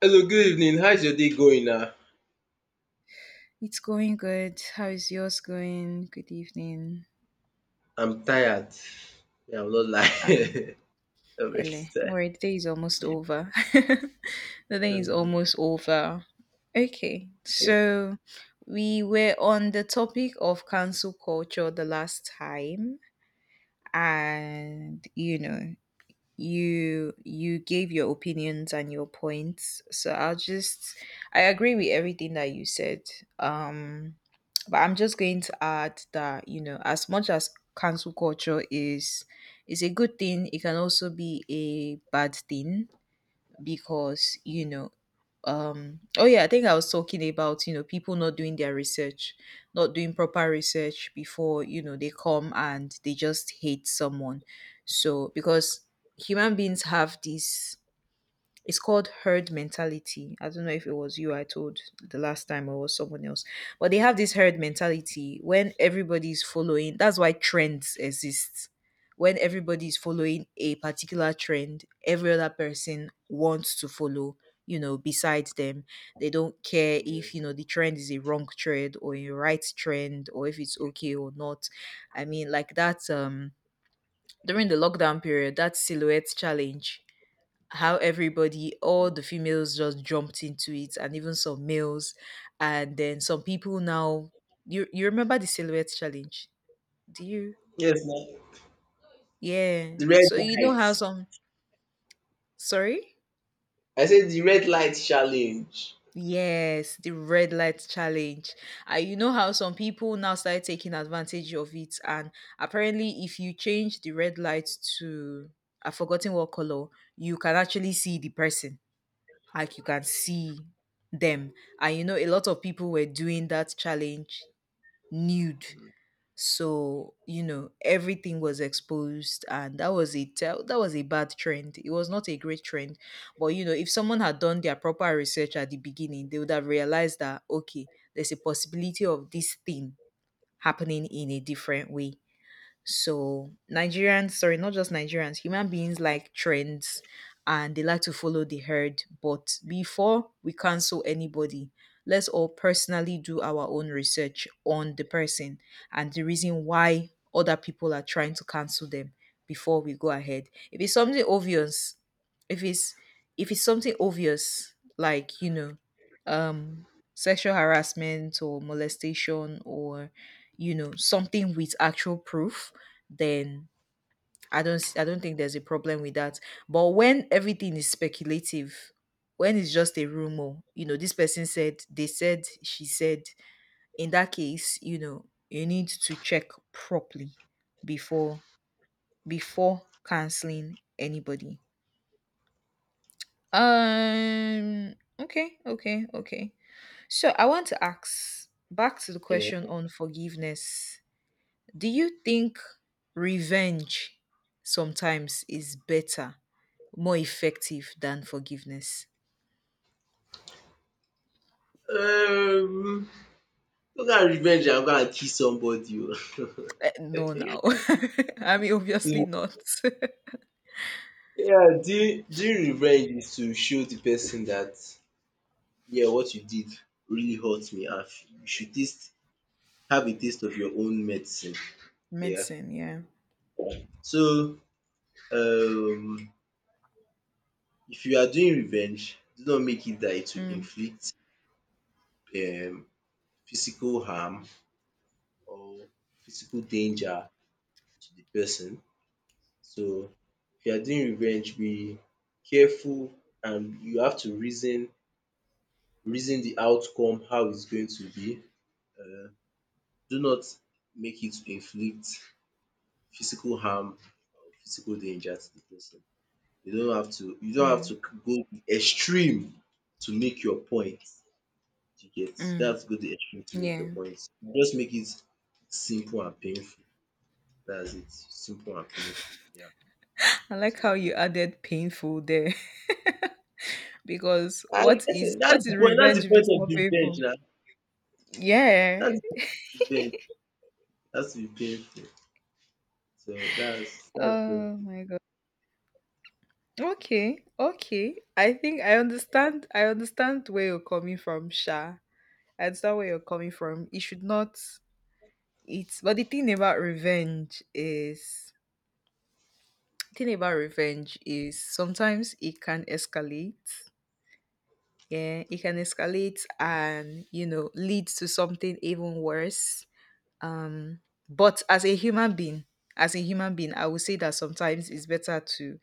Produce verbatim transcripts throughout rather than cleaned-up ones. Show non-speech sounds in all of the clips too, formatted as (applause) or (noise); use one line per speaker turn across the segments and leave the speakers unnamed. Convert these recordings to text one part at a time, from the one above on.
Hello, good evening. How is your day going now?
It's going good. How is yours going? Good evening.
I'm tired. Yeah, I'm not
Ah,
lying. (laughs) I'm very
hello. All
tired.
right, the day is almost over. (laughs) The day is
Um,
almost over. Okay,
yeah.
so we were on the topic of cancel culture the last time, and you know, you you gave your opinions and your points so I'll just I agree with everything that you said, um but I'm just going to add that you know, as much as cancel culture is is a good thing, it can also be a bad thing because you know, um oh yeah, I think I was talking about you know, people not doing their research, not doing proper research before you know, they come and they just hate someone. So because human beings have this, it's called herd mentality. I don't know if it was you I told the last time or was someone else, but they have this herd mentality when everybody's following. That's why trends exist. When everybody's following a particular trend, every other person wants to follow, you know, besides them. They don't care if, you
Yes.
know, the trend is a wrong trend or a right trend or if it's okay or not. I mean, like that um during the lockdown period, that silhouette challenge, how everybody, all the females just jumped into it and even some males. And then some people now, you you remember the silhouette challenge, do you?
Yes, now.
Yeah.
The red
So you know how
lights.
some, sorry,
I said the red light challenge.
yes, the red light challenge, and you know how some people now started taking advantage of it. And apparently if you change the red light to, I've forgotten what color, you can actually see the person, like you can see them. And you know, a lot of people were doing that challenge nude. So, you know, everything was exposed and that was a tell, that was a bad trend. It was not a great trend. But you know, if someone had done their proper research at the beginning, they would have realized that okay, there's a possibility of this thing happening in a different way. So Nigerians, sorry, not just Nigerians, human beings like trends and they like to follow the herd. But before we cancel anybody, let's all personally do our own research on the person and the reason why other people are trying to cancel them before we go ahead. If it's something obvious, if it's if it's something obvious, like, you know, um sexual harassment or molestation or you know, something with actual proof, then I don't s- I don't think there's a problem with that. But when everything is speculative, when it's just a rumor, you know, this person said, they said, she said, in that case, you know, you need to check properly before before canceling anybody. Um okay, okay, okay. So I want to ask back to the
Yeah.
question on forgiveness. Do you think revenge sometimes is better, more effective than forgiveness?
Um, look at revenge. I'm gonna kill somebody.
Eh, no, now. (laughs) I mean, obviously
Oh. (laughs)
not. (laughs)
So, yeah, doing, doing revenge is to show the person that, yeah, what you did really hurt me. And you should taste, have a taste of your own medicine. Yeah.
Medicine, yeah.
So, um if you are doing revenge do not make it that it to
Mm,
inflict um physical harm or physical danger to the person. So if you are doing revenge be careful and you have to reason reason the outcome how it's going to be. um do not make it to inflict physical harm or physical danger to the person. You don't have to you don't have to
mm,
go the extreme to make your point. You get?
mm.
That's go the extreme to make your
Yeah.
point. Just make it simple and painful. That's it. Simple and painful. Yeah.
I like
So
how you added painful there. (laughs) Because
I
what
guess
is,
it-
what
that's
is
the point. That's
revenge
the
if
point
it's
of
not
revenge,
painful?
now.
Yeah.
That's the point of revenge. That's to be painful. So that's that's
Oh
painful.
my god. Okay. Okay. I think I understand, I understand where you're coming from, Sha. I understand where you're coming from. It should not, it's but the thing about revenge is, thing about revenge is sometimes it can escalate. Yeah, it can escalate and you know, leads to something even worse. Um, but as a human being, as a human being, I would say that sometimes it's better to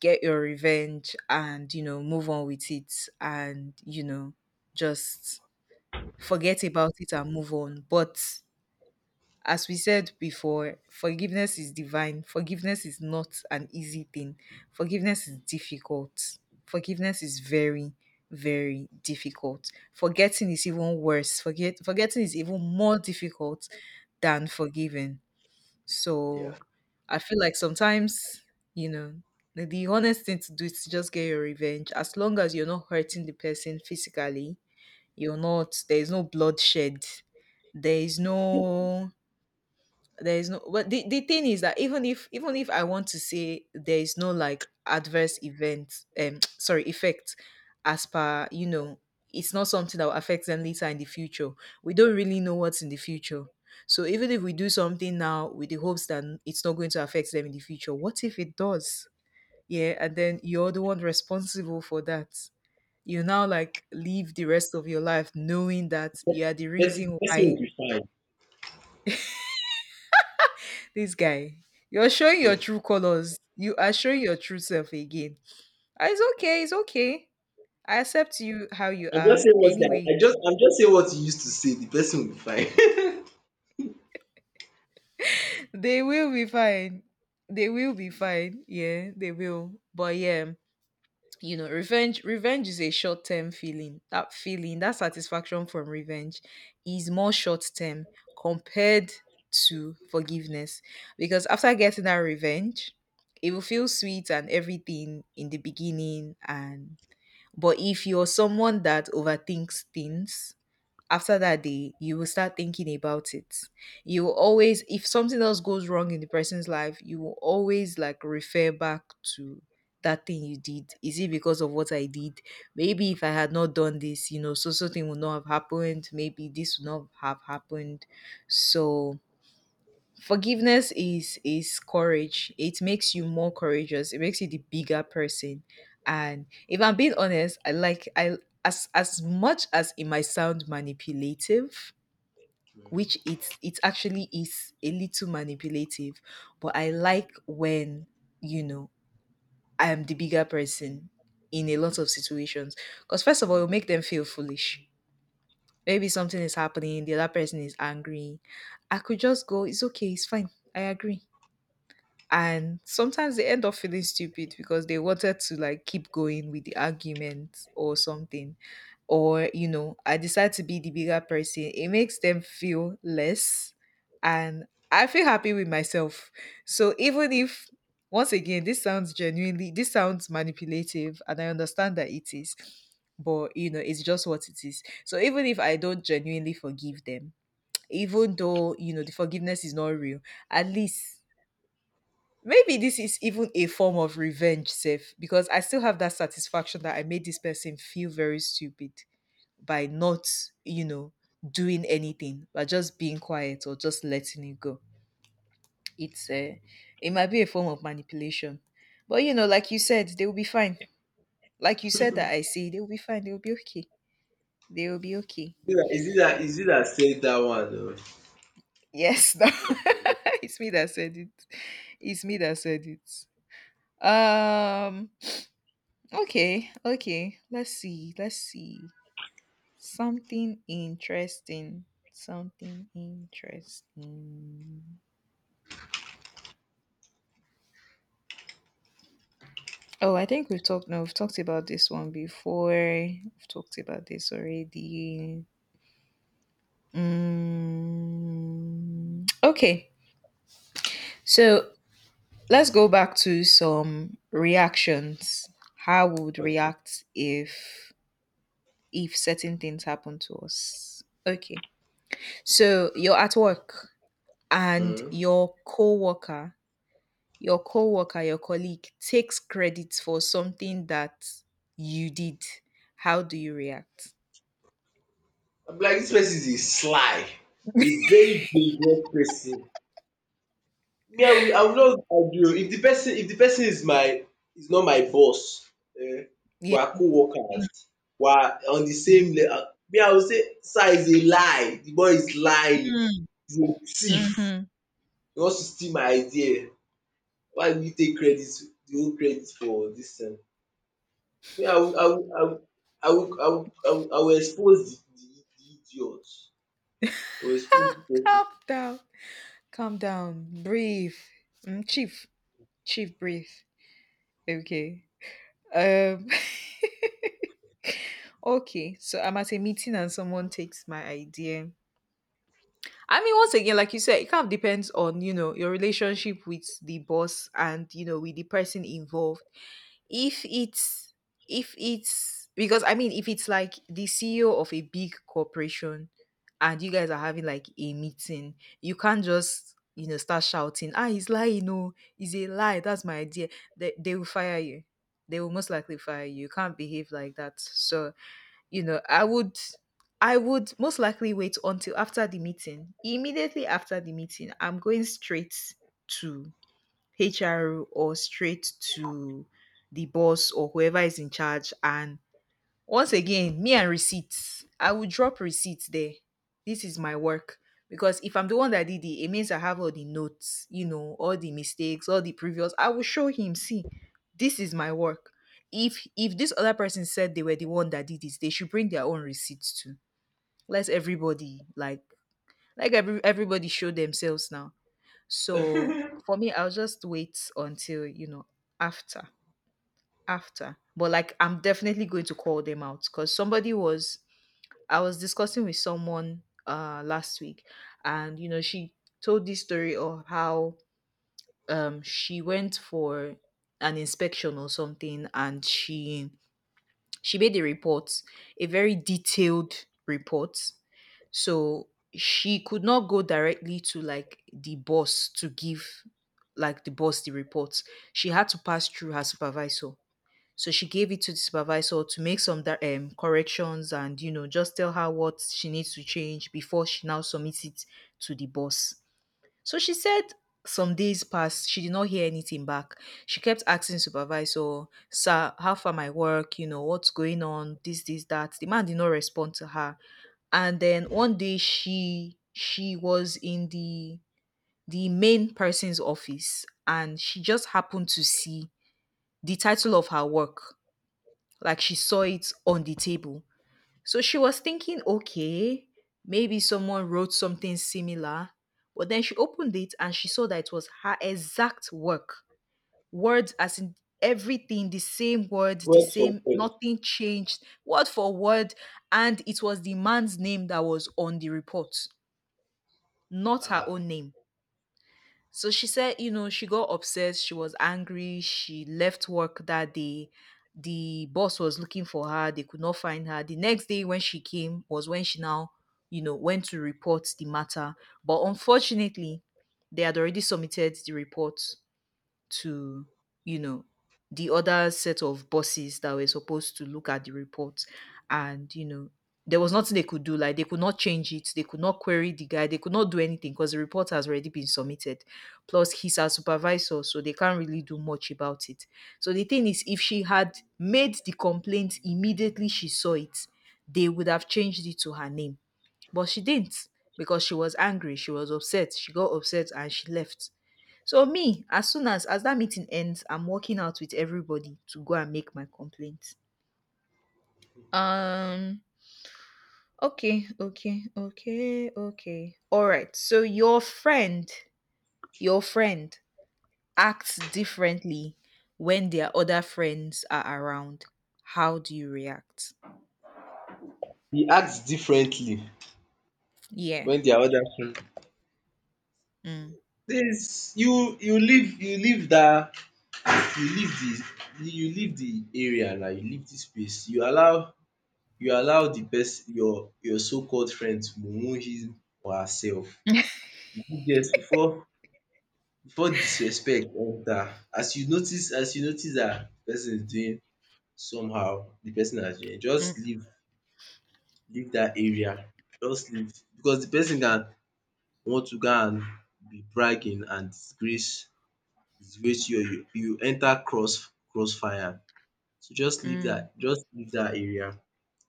get your revenge and you know, move on with it and you know, just forget about it and move on. But as we said before, forgiveness is divine. Forgiveness is not an easy thing. Forgiveness is difficult. Forgiveness is very, very difficult. Forgetting is even worse. Forget forgetting is even more difficult than forgiving.
Yeah.
So I feel like sometimes, you know, the the honest thing to do is to just get your revenge. As long as you're not hurting the person physically, you're not there is no bloodshed. There is no, there is no, but the, the thing is that even if, even if I want to say there is no like adverse event, um (tsk) sorry, effect as per you know, it's not something that will affect them later in the future. We don't really know what's in the future, so even if we do something now with the hopes that it's not going to affect them in the future, what if it does? Yeah, and then you're the one responsible for that. You now like live the rest of your life knowing that you are the
But the
reason
person will
why.
be fine.
This guy, you're showing your true colors. You are showing your true self again. "Ah, it's okay. It's okay. I accept you how you
I'm just
are.
saying what that I
Anyway,
just I'm just saying what you used to say. The person will be fine. (laughs)
(laughs) they will be fine. They will be fine. Yeah, they will. But yeah, you know, revenge. Revenge is a short term feeling. That feeling, that satisfaction from revenge, is more short term compared to forgiveness. Because after getting that revenge, it will feel sweet and everything in the beginning, and but if you're someone that overthinks things, after that day, you will start thinking about it. You will always, if something else goes wrong in the person's life, you will always like refer back to that thing you did. Is it because of what I did? Maybe if I had not done this, you know, so something would not have happened. Maybe this would not have happened. So forgiveness is is courage. It makes you more courageous. It makes you the bigger person. And if I'm being honest, I like I as as much as it might sound manipulative, which it's it actually is a little manipulative, but I like when you know, I am the bigger person in a lot of situations. Because first of all, it'll make them feel foolish. Maybe something is happening, the other person is angry. I could just go, it's okay, it's fine. I agree, and sometimes they end up feeling stupid because they wanted to like keep going with the argument or something. Or you know, I decide to be the bigger person, it makes them feel less, and I feel happy with myself. So even if, once again, this sounds genuinely, this sounds manipulative, and I understand that it is, but you know, it's just what it is. So even if I don't genuinely forgive them, even though you know, the forgiveness is not real, at least maybe this is even a form of revenge, Seth, because I still have that satisfaction that I made this person feel very stupid by not, you know, doing anything, by just being quiet or just letting it go. It's uh, it might be a form of manipulation, but you know, like you said, they will be fine. Like you said that I see, they will be fine. They will be okay. They will be okay.
Mhm. Is it that is it that is it that said that one?
Yes, (laughs) no. It's me that said it. It's me that said it. Um. Okay, okay. Let's see. Let's see. Something interesting. Something interesting. Oh, I think we've talked. No, we've talked about this one before. We've talked about this already. Mm, okay, so let's go back to some reactions. How we would
Though? Okay.
react if if certain things happen to us? Okay, so you're at work and
Mhm.
your coworker, your coworker, your colleague takes credit for something that you did, how do you react?
I am like this person is a sly, a very dangerous person. Me I will I will not argue if the person if the person is my is not my boss, um,
Yeah.
we are co-workers, we are on the same
Mhm.
level, me I will say sir is a lie. The boy is lying,
Mm,
he's a thief,
mhm.
he wants to steal my idea. Why do you take credit de whole credit for this thing? Me I will I will I will I will I will I will I will expose the de de idiot, I will expose
Calm
the
down. Calm down. Breathe. Mm, chief. Chief, breathe. Okay. Um (laughs) okay. So I'm at a meeting and someone takes my idea. I mean, once again, like you said, it kind of depends on, you know, your relationship with the boss and, you know, with the person involved. If it's, if it's, because I mean, if it's like the C E O of a big corporation and you guys are having like a meeting, you can't just, you know, start shouting, ah, he's lying, no, he's a lie, that's my idea. They, they will fire you. They will most likely fire you. You can't behave like that. So you know, I would I would most likely wait until after the meeting. Immediately after the meeting, I'm going straight to H R or straight to the boss or whoever is in charge. And once again, me and receipts. I will drop receipts there. This is my work. Because if I'm the one that did it, it means I have all the notes, you know, all the mistakes, all the previous. I will show him, see, this is my work. If if this other person said they were the one that did this, they should bring their own receipts too. Let everybody like, like every, everybody show themselves now. So
person. (laughs)
for me, I'll just wait until, you know, after after. But like I'm definitely going to call them out because somebody was I was discussing with someone uh last week, and you know, she told this story of how um she went for an inspection or something, and she she made a report, a very detailed report. So she could not go directly to like the boss to give like the boss the report. She had to pass through her supervisor. So she gave it to the supervisor to make some da- um, corrections and, you know, just tell her what she needs to change before she now submits it to the boss. So she said some days passed, she did not hear anything back. She kept asking supervisor, sir, how far my work? You know, what's going on? This, this, that. The man did not respond to her. And then one day she she was in the the main person's office, and she just happened to see the title of her work, like she saw it on the table. So she was thinking, okay, maybe someone wrote something similar. But then she opened it and she saw that it was her exact work. Words, as in everything, the same words, the
Word for
same,
word.
nothing changed, word for word. And it was the man's name that was on the report, not her
Ah,
own name. So she said, you know, she got upset, she was angry, she left work that day. The boss was looking for her, they could not find her. The next day when she came was when she now, you know, went to report the matter. But unfortunately, they had already submitted the report to, you know, the other set of bosses that were supposed to look at the report. And, you know, there was nothing they could do. Like, they could not change it. They could not query the guy. They could not do anything because the report has already been submitted. Plus, he's our supervisor, so they can't really do much about it. So the thing is, if she had made the complaint immediately she saw it, they would have changed it to her name, but she didn't because she was angry, she was upset, she got upset and she left. So me, as soon as as that meeting ends, I'm walking out with everybody to go and make my complaint. Um okay, okay, okay, okay. All right. So your friend, your friend acts differently when their other friends are around. How do you react?
he act differently
Yeah.
wen their other friend
Mm,
dis you you leave you leave dat you leave de you leave de area na you leave de space you allow you allow de person your your so called friend to mumu him or herself. You do get before before disrespect enter as you notice as you notice dat de person is doing somehow de person has doing,
mm,
just leave leave dat area just leave because de person can want to go and be bragging and disgrace disgrace you or you you enter cross crossfire. So just leave that.
mm.
Just leave that area,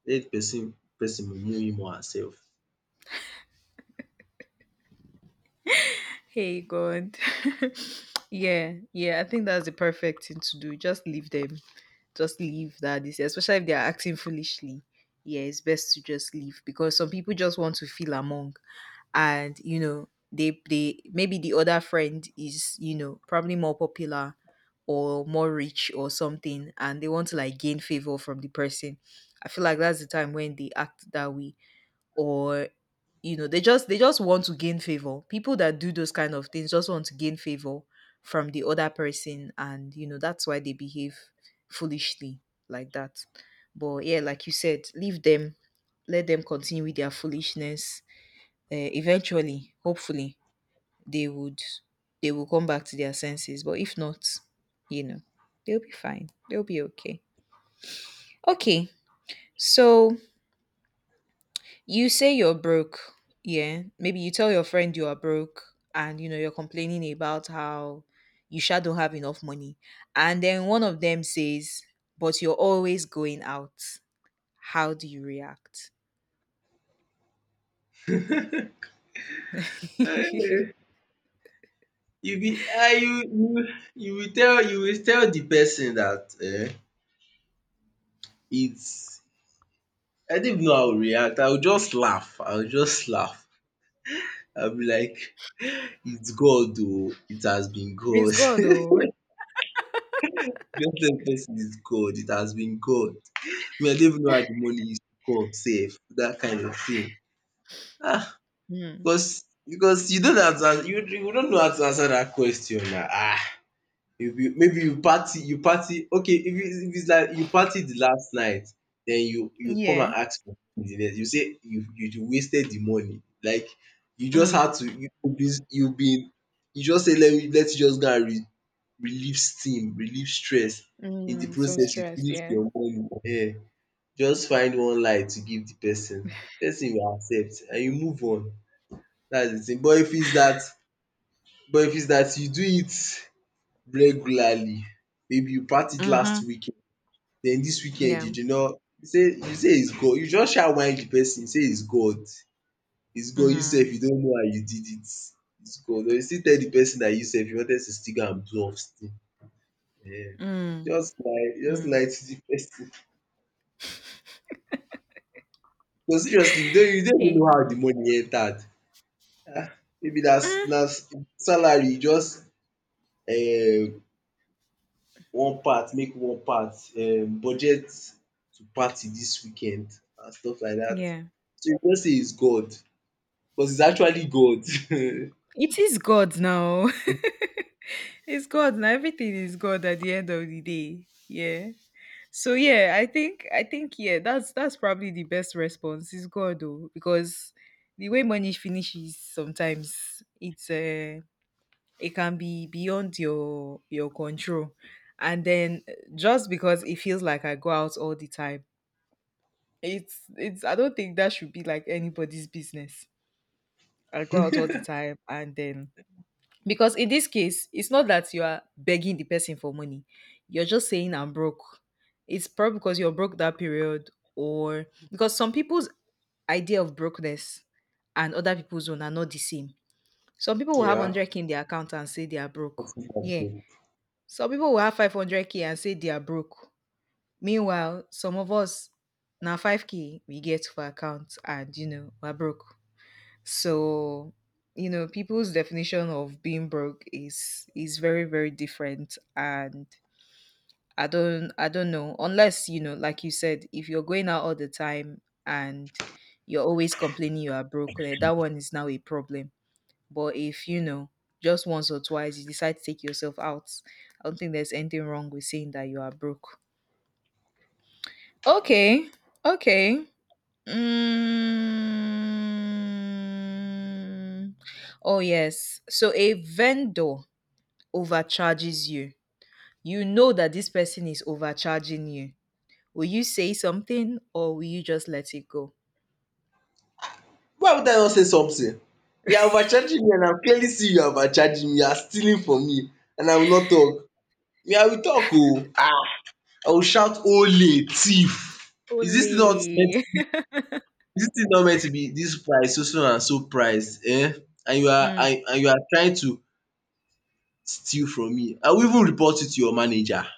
let de person pesin know him or herself.
Hey God. (laughs) Yeah, yeah, I think that's the perfect thing to do. Just leave them. Just leave that this, especially if they are acting foolishly. Yeah, it's best to just leave because some people just want to feel among, and you know, they they maybe the other friend is, you know, probably more popular or more rich or something, and they want to like gain favor from the person. I feel like that's the time when they act that way. Or you know, they just they just want to gain favor. People that do those kind of things just want to gain favor from the other person, and you know, that's why they behave foolishly like that. But yeah, like you said, leave them, let them continue with their foolishness. Uh, eventually, hopefully, they would they will come back to their senses. But if not, you know, they'll be fine, they'll be okay. Okay, so you say you're broke, yeah. Maybe you tell your friend you are broke, and you know, you're complaining about how you sure don't have enough money. And then one of them says, but you're always going out. How do you react? (laughs) It's
um you be um you you you will tell you will tell the person that um its I don't even know how I will react. I will just laugh. I will just laugh. I will be like, "It's God oo. It has been God."
God
(laughs)
though.
Just tell de pesin, "It's God. It has been God." Me I don even know how the money is come sef, dat kind of thing. Ah,
Mm.
Because because you don't have to ans- you you not know how to answer dat question na. um Maybe you party you party. Okay, if it's if it's like you party the last night then you you come and
Yeah.
ask for de next, you say you you wasted the money like you just had
Mm.
to you been you been you just say let me let you just go and re relieve steam, relieve stress. In the
Mm. Some
process you
stress,
finish
yeah.
your money. um. Just find one lie to give the person, person will accept and you move on. That's the thing. But if it's that, but if it's that you do it regularly, maybe you practice
Mm-hmm.
last weekend. Then this weekend
Yeah.
you did not, you say you say it's God, you just sha whine the person say it's God, it's God you sef
Mm-hmm.
you don't know how you did it, it's God, but you still tell the person that you sef you wanted to still go and bluff still.
Mm.
Just lie just
Mm.
lie to the person. (laughs) No seriously, you don't you don't even
Hey.
know how the money entered. Ah, maybe na
Mm.
na salary just um one part make one part um budget to party dis weekend and stuff like dat.
Yeah.
So you go just say it's God because it's actually God. (laughs)
It is God now. It's God. Now everything is God at the end of the day. Yeah. So yeah, I think I think yeah, that's that's probably the best response is God though. Because the way money finishes sometimes, it's uh it can be beyond your your control. And then uh, just because it feels like I go out all the time, it's it's I don't think that should be like anybody's business. I go out all the time and then, because in this case, it's not that you are begging the person for money. You're just saying I'm broke. It's probably because you're broke that period, or because some people's idea of brokenness and other people's own are not the same. Some people will have
Yeah.
one hundred k in their account and say they are broke.
Something like
Yeah.
that.
Some people will have five hundred k and say they are broke. Meanwhile, some of us now five k we get for account, and you know, we're broke. So, you know, people's definition of being broke is is very very different, and I don't I don't know, unless, you know, like you said, if you're going out all the time and you're always complaining you are broke, then that one is now a problem. But if, you know, just once or twice you decide to take yourself out, I don't think there's anything wrong with saying that you are broke. Okay. Okay. Mm. Oh, yes. So a vendor overcharges you. You know that this person is overcharging you. Will you say something or will you just let it go?
Why would I not say something? You are overcharging me and I clearly see you are overcharging me, you are stealing from me and I will not talk. Me I will talk oo. I will shout ole thief. Is dis not,
Only.
this thing not meant to be this price, so so and so price? Um and you
(laughs)
are
Mm,
and and you are trying to steal from me. I will even report you to your manager. I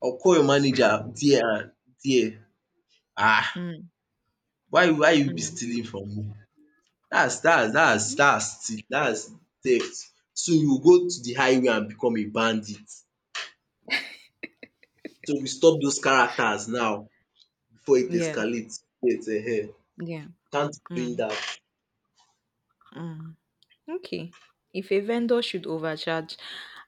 will call your manager there and there. um
mm,
why why you be
mm.
stealing from me? Dats dats dats dats steal dats theft. Soon you go to the highway and become a bandit. So we stop those characters now before it
Yeah.
escalates. Yes, um
Yeah.
can't be doing
Mm,
that.
mm. Okay. If a vendor should overcharge,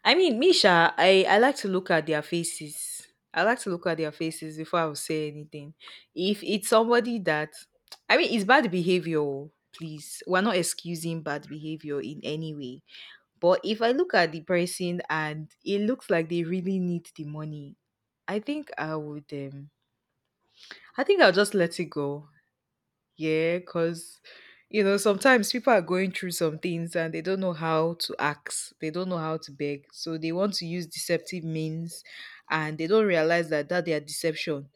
I mean, Misha, I I like to look at their faces. I like to look at their faces before I will say anything. If it's somebody that, I mean, it's bad behavior. Oh, please, we're not excusing bad behavior in any way. But if I look at the person and it looks like they really need the money, I think I would. Um, I think I'll just let it go. Yeah, because, you know, sometimes people are going through some things and they don't know how to ask, they don't know how to beg. So they want to use deceptive means, and they don't realize that that their deception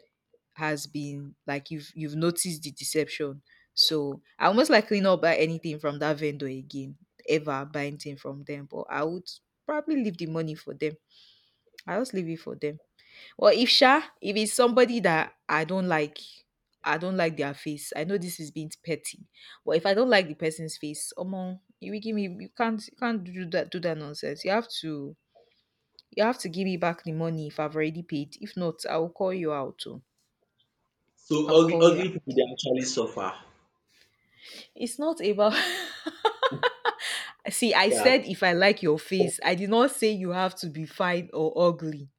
has been, like, you've you've noticed the deception. So I almost likely not buy anything from that vendor again, ever buy anything from them. But I would probably leave the money for them. I just leave it for them. Or if sha, if it's somebody that I don't like, I don't like their face. I know this is being petty, but if I don't like the person's face, omo, you will give me. You can't you can't do that do that nonsense. You have to you have to give me back the money if I've already paid. If not, I will call you out. Oh.
So
I'll
ugly
call you
ugly
out.
people dey actually suffer.
It's not about. (laughs) See, I
Yeah.
said if I like your face, I did not say you have to be fine or ugly.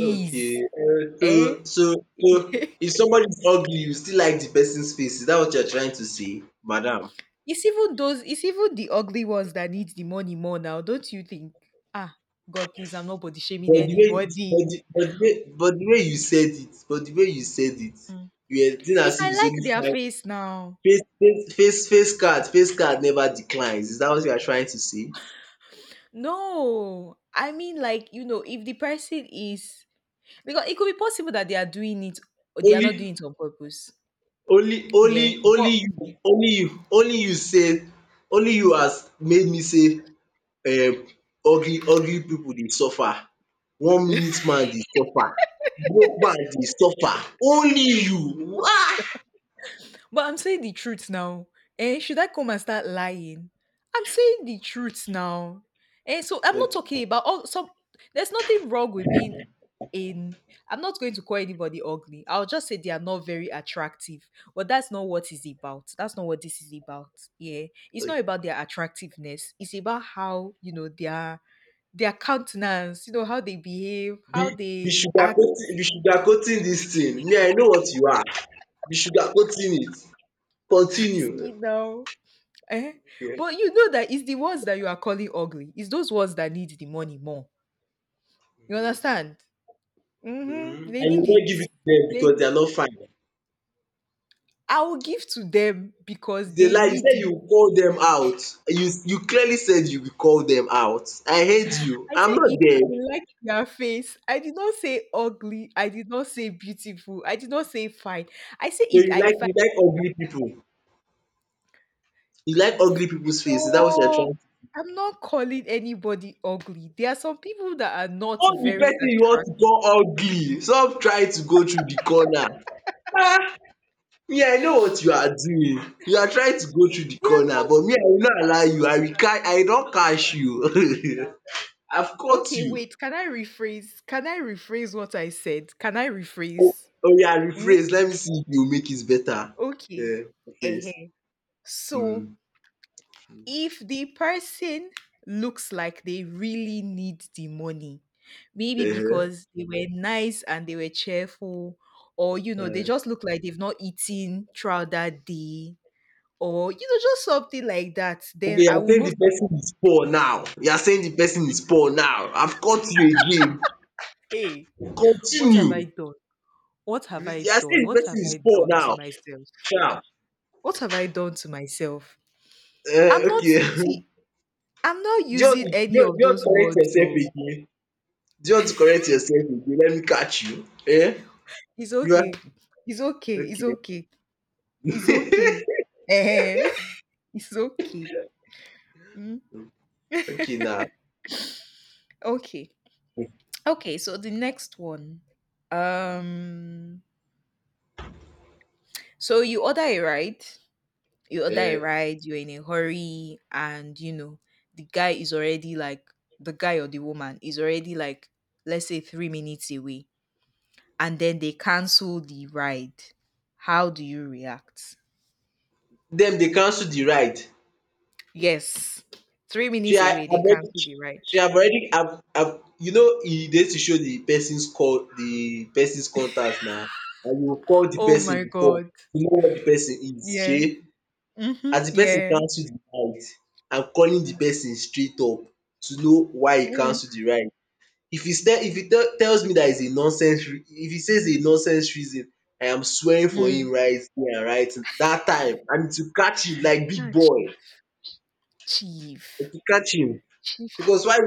Okay, uh,
eh?
so so
(laughs)
so if somebody is ugly, you still like the person's face. Is that what you're trying to say, madam?
It's even those, it's even the ugly ones that need the money more now, don't you think? Ah, God please, I'm not body shaming
But the way but
anybody.
the, but the way but the way you said it, but the way you said it,
Mm.
you were saying
If
as if
I
it's
like
only
their
fine.
face now.
Face face face face card, face card never declines. Is that what you are trying to say?
No. I mean, like, you know, if the person is, because it could be possible that they are doing it or they are not
Only
doing it on purpose.
only
Yeah.
only
But.
Only you, only you only you said only you has made me say um ugly ugly pipu dey suffer, one minute man dey suffer, broke man dey suffer, only you. um
But I'm saying the truth now. Eh, should I come and start lying? I'm saying the truth now. Eh, so I'm not
Okay
talking about all some, there's nothing wrong with being in, I'm not going to call anybody ugly. I'll just say they are not very attractive. But that's not what it's about. That's not what this is about. Yeah. It's not
okay,
about their attractiveness. It's about how, you know, their their countenance, you know, how they behave,
be
how
be
they
sugar
act,
coating be sugar coating dis thing, me I know what you are, be sugar coating it, continue.
you know. Eh?
Okay,
But you know that it's the ones that you are calling ugly, it's those ones that need the money more. You understand? Mhm.
um
They
and you
need
no
it.
give it to dem because
They.
dey are not fine,
I will give to them because
you dey
they
lie, you
need
say
it.
you call dem out, you you clearly said you will call dem out, I heard you,
I
I am
said
not
if I
there,
like
so
their face. I did not say ugly. I did not say beautiful. I did not say fine. I say
you
if I
like,
if I
you like ugly pipu. You like ugly people's face, is that what you're
no,
trying to?
I'm not calling anybody ugly. There are some people that are not
Not the
very
person you want
attractive.
to go ugly, stop trying to go through the corner. Ah! Me, I know what you are doing. You are trying to go through the
They are
corner,
not.
but me, I will not allow you. I will catch, I will not catch you. (laughs) I've caught
Okay,
you.
wait. Can I rephrase? Can I rephrase what I said? Can I rephrase?
Oh yeah,
Hmm?
rephrase. Let me see if you make it better.
Okay.
Yeah, rephrase.
Ehen. So,
Hmm.
if the person looks like they really need the money, maybe
Uh-huh.
because they were nice and they were cheerful, or you know, they
Uh-huh.
just look like they've not eaten throughout that day, or you know, just something like that,
Okay,
then
you
I
are
will
saying the
most
person is poor now.
likely,
You are saying the person is poor now. I've caught you again.
hey, what have I
Continue.
done? What
You
have I
are
done?
saying the
What have
person is
I
poor
done to
now.
myself?
Sure.
What have I done to myself?
Uh,
I'm not,
okay. (laughs)
see, I'm not
Just,
using any
just,
of
just
those
correct
words
yourself
though.
again. Just correct yourself again. Let me catch you. Eh?
It's
You are
okay. It's okay. It's
okay.
okay. It's okay. Eh, (laughs) it's okay. Mm,
(laughs) Okay now.
okay. Okay, so the next one. Um so you order a ride, you order a
Uh,
ride, you're in a hurry, and you know, the guy is already like the guy or the woman is already like, let's say, three minutes away, and then they cancel the ride. How do you react?
them they cancel the ride.
Yes. three
She
minutes
had
away they
already,
cancel the ride.
she have already, have, have, you know, e dey to show the person's call, the person's contact now. And you will call the
Oh
person
my
before
god.
to know where the person is.
Yeah.
Shey.
Mhm.
As the person
Yeah.
cancel the ride, I'm calling the person straight up to know why e
Mm.
cancel the ride. If e tell if he tell tells me dat is a nonsense re- if he says a nonsense reason, I am swearing for
Mm.
him right here and right that time and to catch him like big
Ah,
boy,
chief. Chief.
to catch him
Chief, chief.
because why,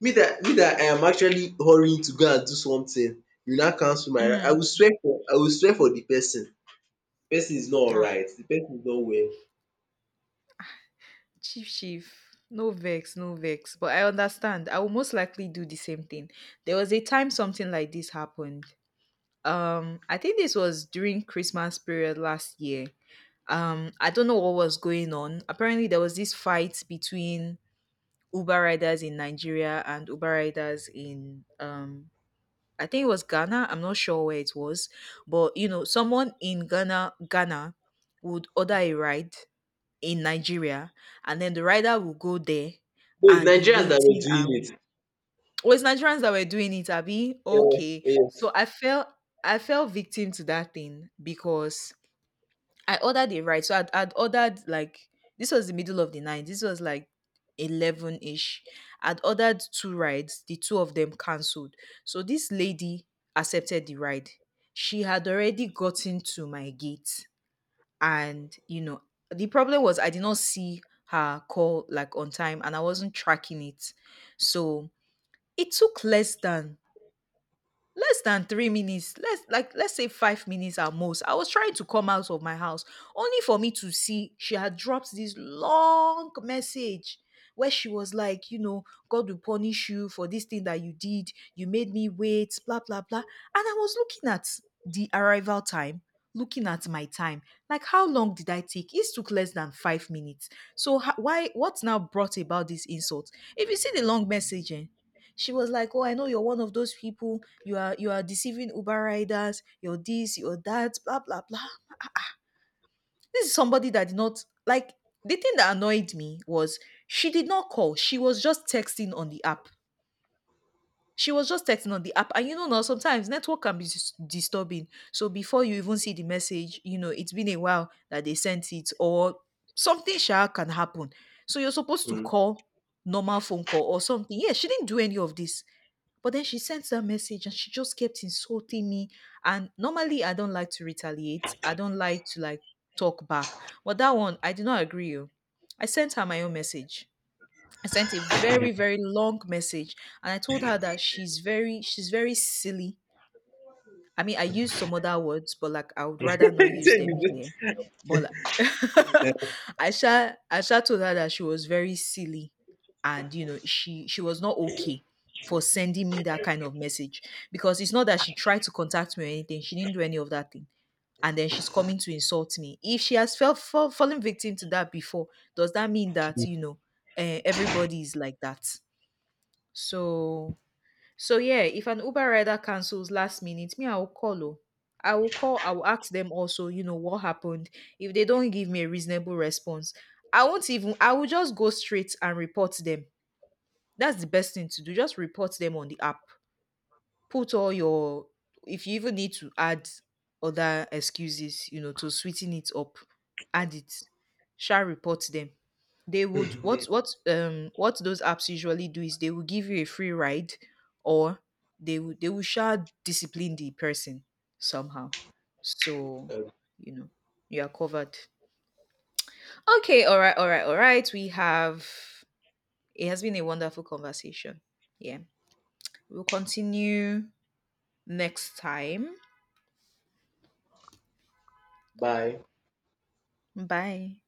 me that me that I am actually hurrying to go and do something, you now cancel my ride, I
Mm.
will swear for I will swear for the person. Person is not
Ah,
alright. The person is not well.
chief, chief. No vex, no vex. But I understand. I will most likely do the same thing. There was a time something like this happened. Um, I think this was during Christmas period last year. um I don't know what was going on. Apparently there was this fight between Uber riders in Nigeria and Uber riders in um I think it was Ghana, I'm not sure where it was, but you know, someone in Ghana ghana would order a ride in Nigeria and then the rider will go there
So it's
and be
Nigerians that were
waiting, and
doing
oh, it's Nigerians that were doing it, abby?
it.
Okay,
Yeah.
so I felt I fell victim to that thing because I ordered a ride. So I'd, I'd ordered like, this was the middle of the night. This was like eleven ish. I'd ordered two rides. The two of them cancelled. So this lady accepted the ride. She had already gotten to my gate, and you know, the problem was I did not see her call like on time, and I wasn't tracking it. So it took less than less than three minutes, let's like let's say five minutes at most. I was trying to come out of my house only for me to see she had dropped this long message where she was like, you know, God will punish you for this thing that you did, you made me wait, blah blah blah. And I was looking at the arrival time, looking at my time, like, how long did I take? It took less than five minutes. So ho- why, what's now brought about this insult? If you see the long message, eh, she was like, "Oh, I know you're one of those people, you are you are deceiving Uber riders, you're this, you're that, blah blah blah." This is somebody that did not, like, the thing that annoyed me was she did not call. She was just texting on the app. She was just texting on the app. And you know now, sometimes network can be dis- disturbing. So before you even see the message, you know, it's been a while that they sent it, or something sha can happen. So you're supposed to
um
call, normal phone call or something. Yeah, she didn't do any of this. But then she sent that message and she just kept insulting me. And normally I don't like to retaliate. I don't like to, like, talk back. But that one, I did not agree. Oh. I sent her my own message. I sent a very, very long message. And I told her that she's very, she's very silly. I mean, I use some other words, but like, I would rather not
(laughs)
use
Tell
them
me
here. But like, (laughs)
this.
Aisha, Aisha told her that she was very silly, and you know, she she was not okay for sending me that kind of message, because it's not that she tried to contact me or anything. She didn't do any of that thing, and then she's coming to insult me. If she has felt fall, fallen victim to that before, does that mean that, you know, uh, everybody is like that? So, so yeah, if an Uber rider cancels last minute, me, I will call. Oh. I will call, I will ask them also, you know, what happened. If they don't give me a reasonable response, I won't even I will just go straight and report them. That's the best thing to do. Just report them on the app, put all your, if you even need to add other excuses, you know, to sweeten it up, add it. Shall report them. They would, what what um what those apps usually do is they will give you a free ride, or they will they will shall discipline the person somehow. So,
Uh,
you know, you are covered. Okay, all right, all right, all right. We have it has been a wonderful conversation. Yeah. We'll continue next time.
Bye.
Bye.